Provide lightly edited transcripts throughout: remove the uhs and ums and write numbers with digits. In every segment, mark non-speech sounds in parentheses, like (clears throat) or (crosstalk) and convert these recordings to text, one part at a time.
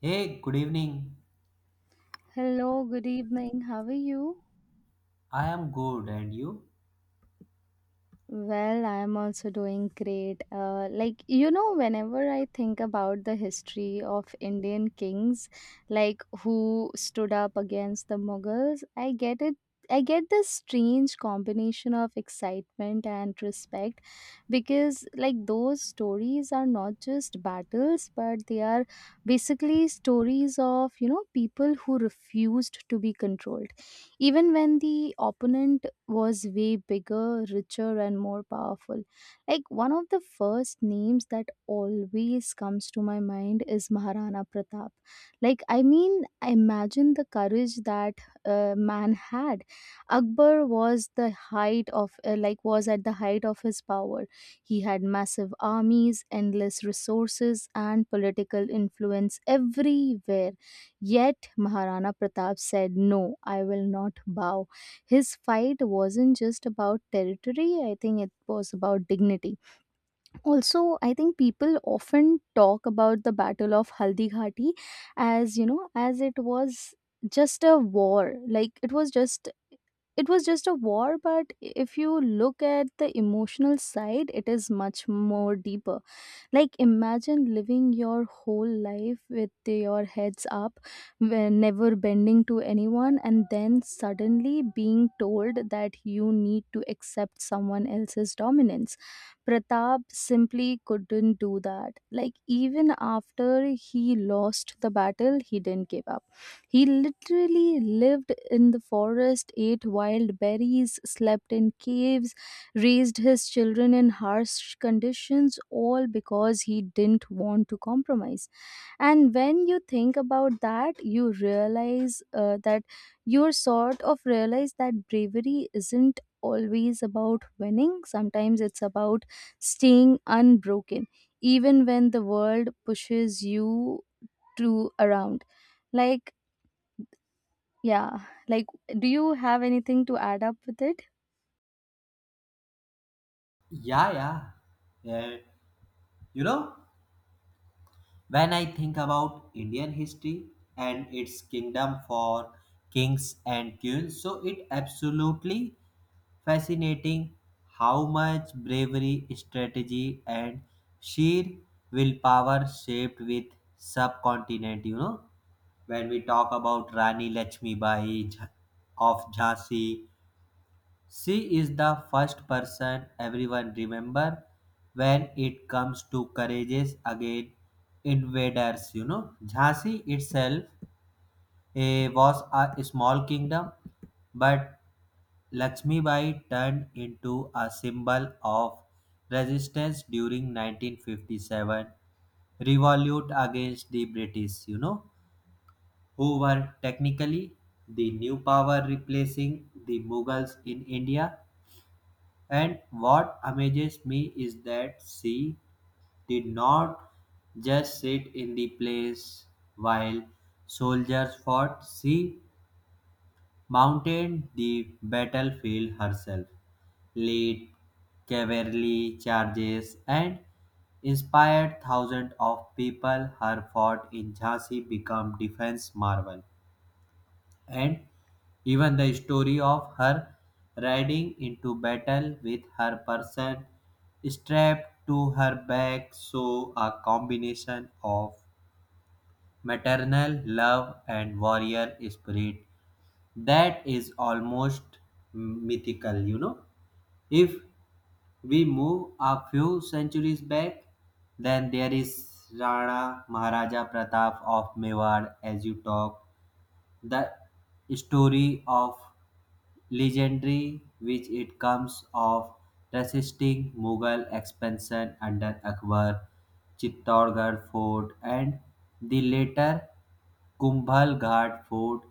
Hey, good evening. Hello, good evening. How are you? I am good, and you? Well, I'm also doing great. Like, whenever I think about the history of Indian kings, like who stood up against the Mughals, I get it. I get this strange combination of excitement and respect because, like, those stories are not just battles, but they are basically stories of people who refused to be controlled even when the opponent was way bigger, richer, and more powerful. Like one of the first names that always comes to my mind is Maharana Pratap. Like, I mean, imagine the courage that man had. Akbar was at the height of his power. He had massive armies, endless resources, and political influence everywhere. Yet, Maharana Pratap said, "No, I will not bow." His fight wasn't just about territory. I think it was about dignity also. I think people often talk about the Battle of Haldighati as, as it was just a war, like it was just a war. But if you look at the emotional side, it is much more deeper. Like, imagine living your whole life with your heads up, never bending to anyone, and then suddenly being told that you need to accept someone else's dominance. Pratap simply couldn't do that. Like, even after he lost the battle, he didn't give up. He literally lived in the forest, ate wild berries, slept in caves, raised his children in harsh conditions, all because he didn't want to compromise. And when you think about that, you sort of realize that bravery isn't always about winning, sometimes it's about staying unbroken, even when the world pushes you to around. Like, yeah, like, do you have anything to add up with it? Yeah, yeah. Yeah. you know, when I think about Indian history and its kingdom for kings and queens, so it absolutely fascinating how much bravery, strategy, and sheer willpower shaped with subcontinent. You know, when we talk about Rani Lakshmi Bai Ja, of Jhansi, she is the first person everyone remember when it comes to courageous against invaders. You know, Jhansi itself was a small kingdom, but Lakshmi Bai turned into a symbol of resistance during 1957 revolt against the British, you know, who were technically the new power replacing the Mughals in India. And what amazes me is that she did not just sit in the place while soldiers fought, she mounted the battlefield herself, led cavalry charges, and inspired thousands of people. Her fort in Jhansi became defense marvel, and even the story of her riding into battle with her person strapped to her back show a combination of maternal love and warrior spirit that is almost mythical. If we move a few centuries back, then there is Rana Maharaja Pratap of Mewar, as you talk. The story of legendary which it comes of resisting Mughal expansion under Akbar, Chittorgarh fort and the later Kumbhal Ghat fort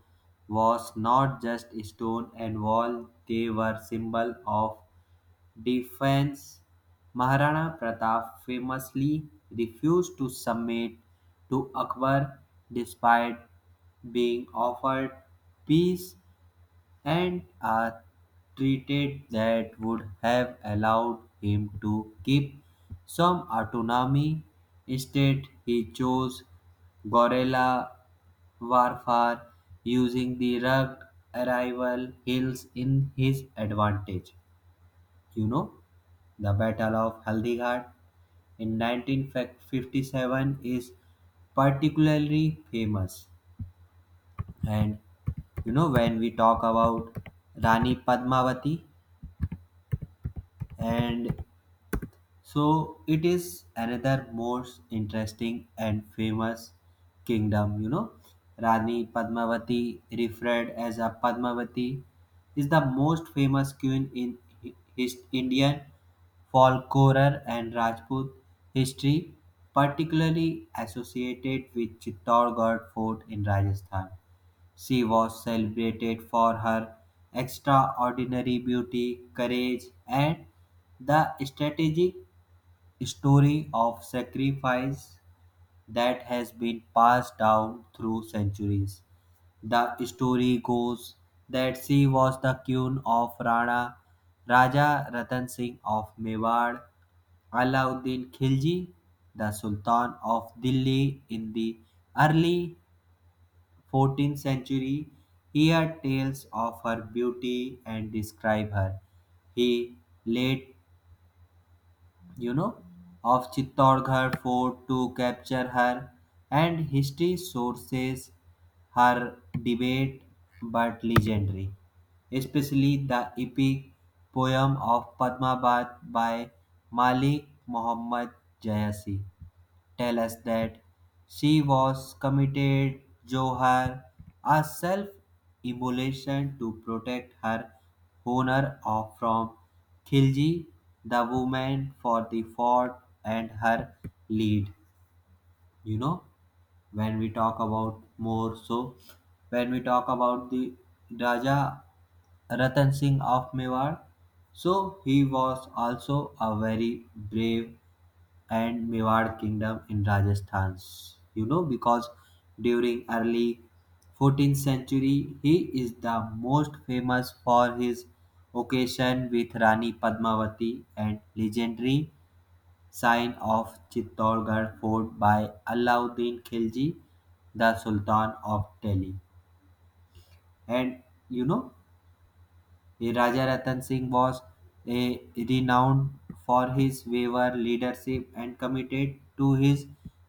was not just stone and wall, they were symbol of defense. Maharana Pratap famously refused to submit to Akbar despite being offered peace and a treaty that would have allowed him to keep some autonomy. Instead, he chose guerrilla warfare using the rugged arrival hills in his advantage. You know, the battle of haldighat in 1957 is particularly famous. And you know, when we talk about rani padmavati, and so it is another most interesting and famous kingdom, you know. Rani Padmavati, referred as a Padmavati, is the most famous queen in his Indian folklore and Rajput history, particularly associated with Chittorgarh Fort in Rajasthan. She was celebrated for her extraordinary beauty, courage, and the strategic story of sacrifice that has been passed down through centuries. The story goes that she was the queen of Rana, Raja Ratan Singh of Mewar. Alauddin Khilji, the Sultan of Delhi in the early 14th century, hear tales of her beauty and describe her. He laid, you know, of Chittorgarh fort to capture her, and history sources her debate but legendary, especially the epic poem of Padmavat by Malik Muhammad Jayasi, tell us that she was committed Johar, a self immolation to protect her honor of from Khilji, the woman for the fort and her lead. You know, when we talk about more so, when we talk about the Raja Ratan Singh of Mewar, so he was also a very brave and Mewar kingdom in Rajasthan. You know, because during early 14th century, he is the most famous for his occasion with Rani Padmavati and legendary sign of Chittorgarh fort by Alauddin Khilji, the Sultan of Delhi. And you know, Raja Ratan Singh was renowned for his bravery, leadership, and commitment to his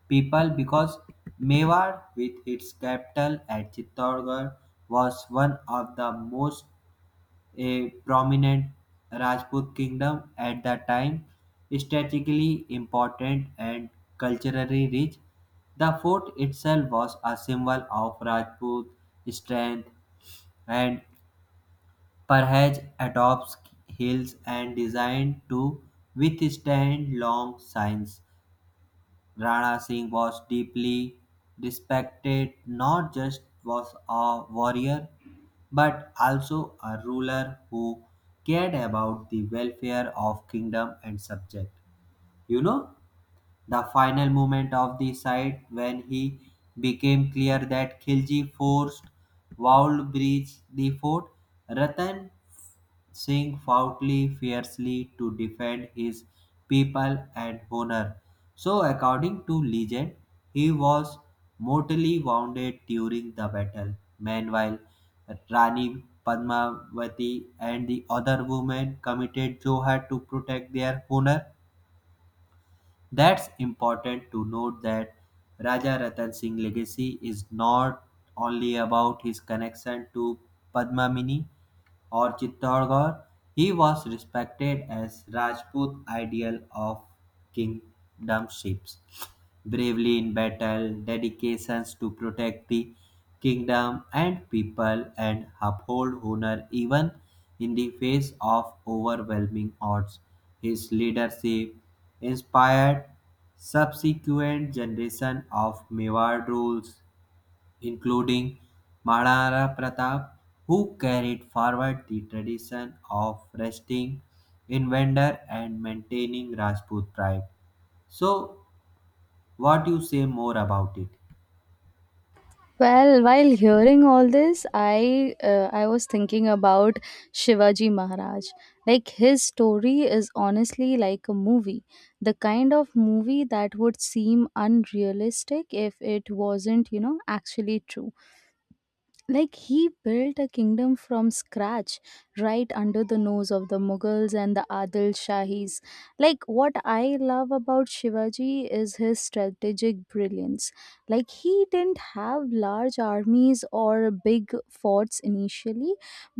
people, because Mewar, with its capital at Chittorgarh, was one of the most prominent Rajput kingdom at the time, strategically important and culturally rich. The fort itself was a symbol of Rajput strength, and perhaps adopts hills and designed to withstand long rains. Rana Singh was deeply respected. Not just was a warrior, but also a ruler who cared about the welfare of kingdom and subject. You know, the final moment of the fight, when he became clear that Khilji forced walled breach the fort, Ratan Singh fought fiercely to defend his people and honor. So, according to legend, he was mortally wounded during the battle. Meanwhile, Rani Padmavati and the other women committed jihad to protect their honor. That's important to note that Raja Ratan Singh legacy is not only about his connection to Padmamini or Chittorgarh, he was respected as Rajput ideal of kingdomships, bravely in battle, dedications to protect the kingdom and people, and uphold honor even in the face of overwhelming odds. His leadership inspired subsequent generation of Mewar rules, including Maharana Pratap, who carried forward the tradition of resting in vendor and maintaining Rajput pride. So, what you say more about it? Well, while hearing all this, I was thinking about Shivaji Maharaj. Like, his story is honestly like a movie, the kind of movie that would seem unrealistic if it wasn't actually true. Like, he built a kingdom from scratch right under the nose of the Mughals and the Adil Shahis. Like, what I love about Shivaji is his strategic brilliance. Like, he didn't have large armies or big forts initially,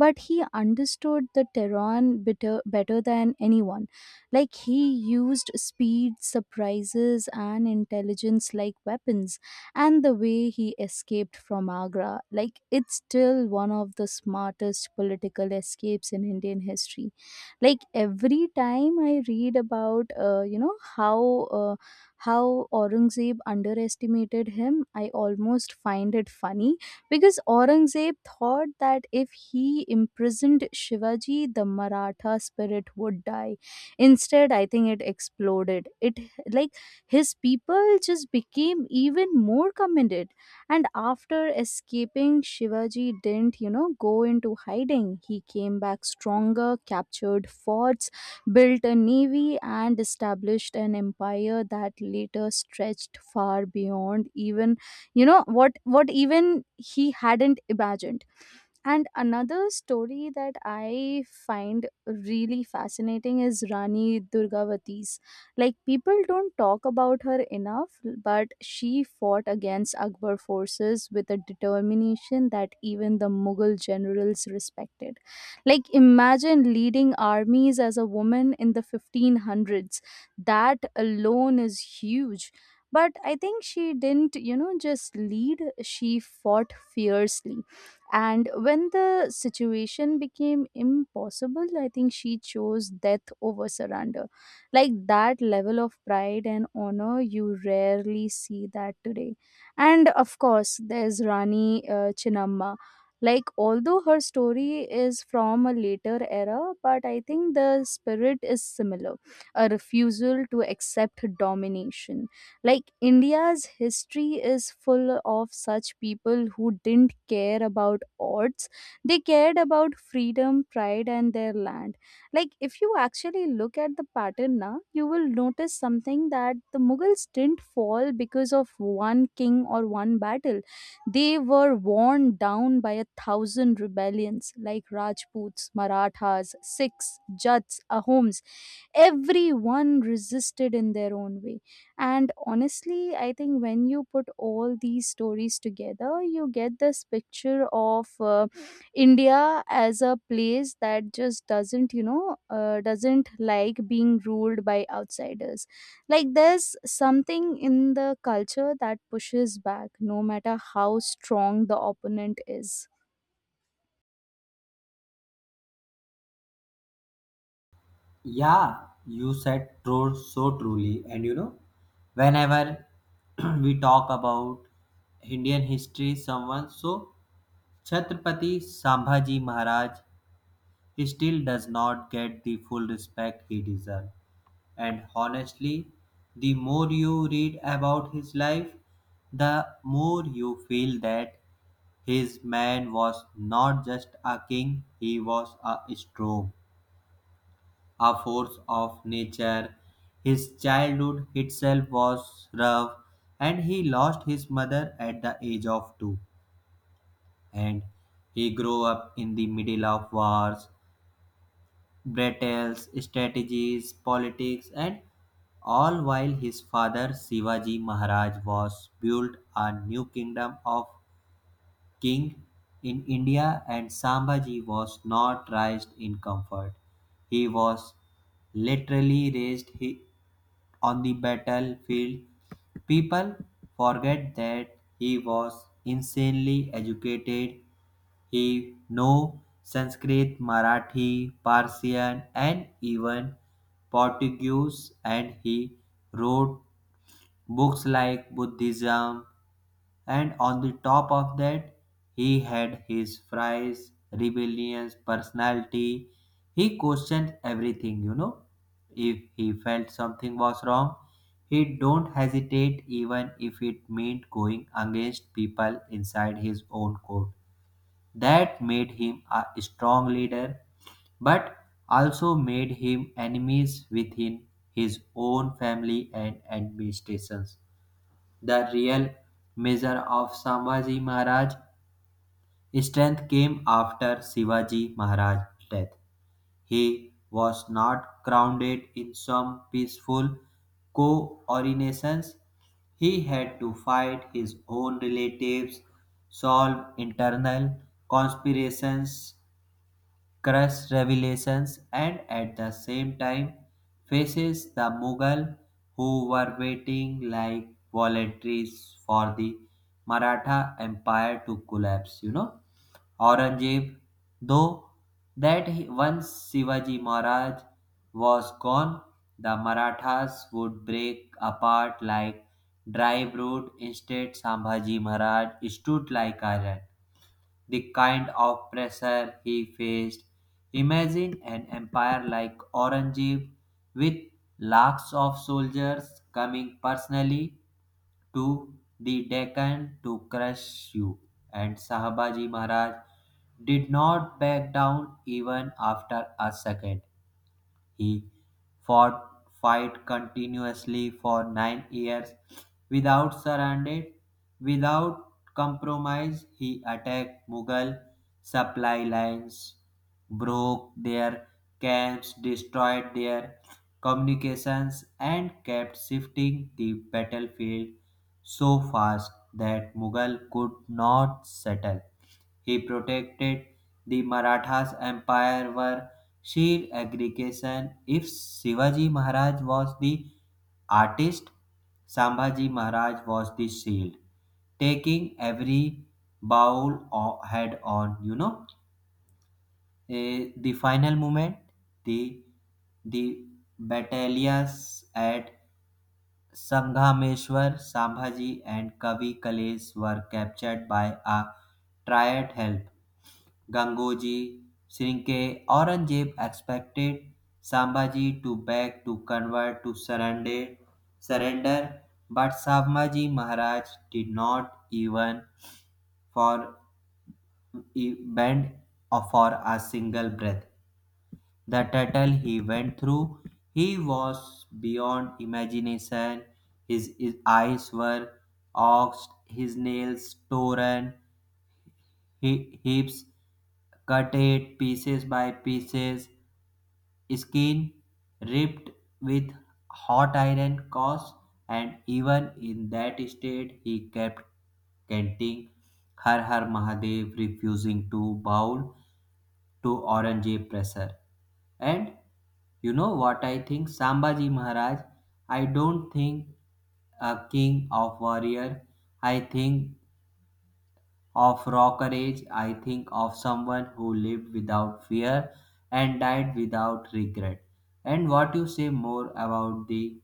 but he understood the terrain better, better than anyone. Like, he used speed, surprises, and intelligence like weapons. And the way he escaped from Agra, like, it's still one of the smartest political escapes in Indian history. Like, every time I read about how Aurangzeb underestimated him, I almost find it funny because Aurangzeb thought that if he imprisoned Shivaji, the Maratha spirit would die. Instead, I think it exploded. It like his people just became even more commended. And after escaping, Shivaji didn't go into hiding. He came back stronger, captured forts, built a navy, and established an empire that later stretched far beyond even what even he hadn't imagined. And another story that I find really fascinating is Rani Durgavati's. Like, people don't talk about her enough, but she fought against Akbar forces with a determination that even the Mughal generals respected. Like, imagine leading armies as a woman in the 1500s. That alone is huge. But I think she didn't just lead, she fought fiercely, and when the situation became impossible, I think she chose death over surrender. Like, that level of pride and honor, you rarely see that today. And of course, there's Rani Chinnamma. Like, although her story is from a later era, but I think the spirit is similar, a refusal to accept domination. Like, India's history is full of such people who didn't care about odds. They cared about freedom, pride, and their land. Like, if you actually look at the pattern now, you will notice something, that the Mughals didn't fall because of one king or one battle. They were worn down by a thousand rebellions, like Rajputs, Marathas, Sikhs, Jats, Ahoms. Everyone resisted in their own way. And honestly, I think when you put all these stories together, you get this picture of India as a place that just doesn't you know doesn't like being ruled by outsiders. Like, there's something in the culture that pushes back no matter how strong the opponent is. Yeah, you said true so truly. And you know, whenever (clears throat) we talk about Indian history, someone so Chhatrapati Sambhaji Maharaj still does not get the full respect he deserves. And honestly, the more you read about his life, the more you feel that his man was not just a king, he was a storm, a force of nature. His childhood itself was rough, and he lost his mother at the age of 2. And he grew up in the middle of wars, battles, strategies, politics, and all while his father Shivaji Maharaj was built a new kingdom of king in India, and Sambhaji was not raised in comfort. He was literally raised on the battlefield. People forget that he was insanely educated. He knew Sanskrit, Marathi, Persian, and even Portuguese, and he wrote books like Buddhism. And on the top of that, he had his fierce, rebellious personality. He questioned everything, you know. If he felt something was wrong, he don't hesitate, even if it meant going against people inside his own court. That made him a strong leader, but also made him enemies within his own family and administrations. The real measure of Sambhaji Maharaj's strength came after Shivaji Maharaj's death. He was not crowned in some peaceful coordinations. He had to fight his own relatives, solve internal conspirations, crush revelations, and at the same time faces the Mughal who were waiting like volunteers for the Maratha Empire to collapse. You know, Aurangzeb though that he, once Shivaji Maharaj was gone, the Marathas would break apart like dry wood. Instead, Sambhaji Maharaj stood like iron the kind of pressure he faced. Imagine an empire like Aurangzeb with lakhs of soldiers coming personally to the Deccan to crush you. And Sahabaji Maharaj did not back down even after a second. He fought fight continuously for 9 years without surrender, without compromise. He attacked Mughal supply lines, broke their camps, destroyed their communications, and kept shifting the battlefield so fast that Mughal could not settle. He protected the Maratha's Empire were sheer aggregation. If Shivaji Maharaj was the artist, Sambhaji Maharaj was the shield, taking every head on. You know, the final moment, the the battalions at Sanghameshwar, Sambhaji, and Kavi Kalesh were captured by a triad help. Gangoji, Sirinke, Aurangzeb expected Sambhaji to beg to convert to surrender, surrender, but Sambhaji Maharaj did not even for bend or for a single breath. The turtle he went through, he was beyond imagination. His eyes were oxed, his nails torn, he, hips cut it pieces by pieces, skin ripped with hot iron course, and even in that state he kept chanting Har Har Mahadev, refusing to bow to Aurangzeb pressure. And you know what I think? Sambhaji Maharaj, I don't think a king of warrior. I think of rocker age, I think of someone who lived without fear and died without regret. And what you say more about the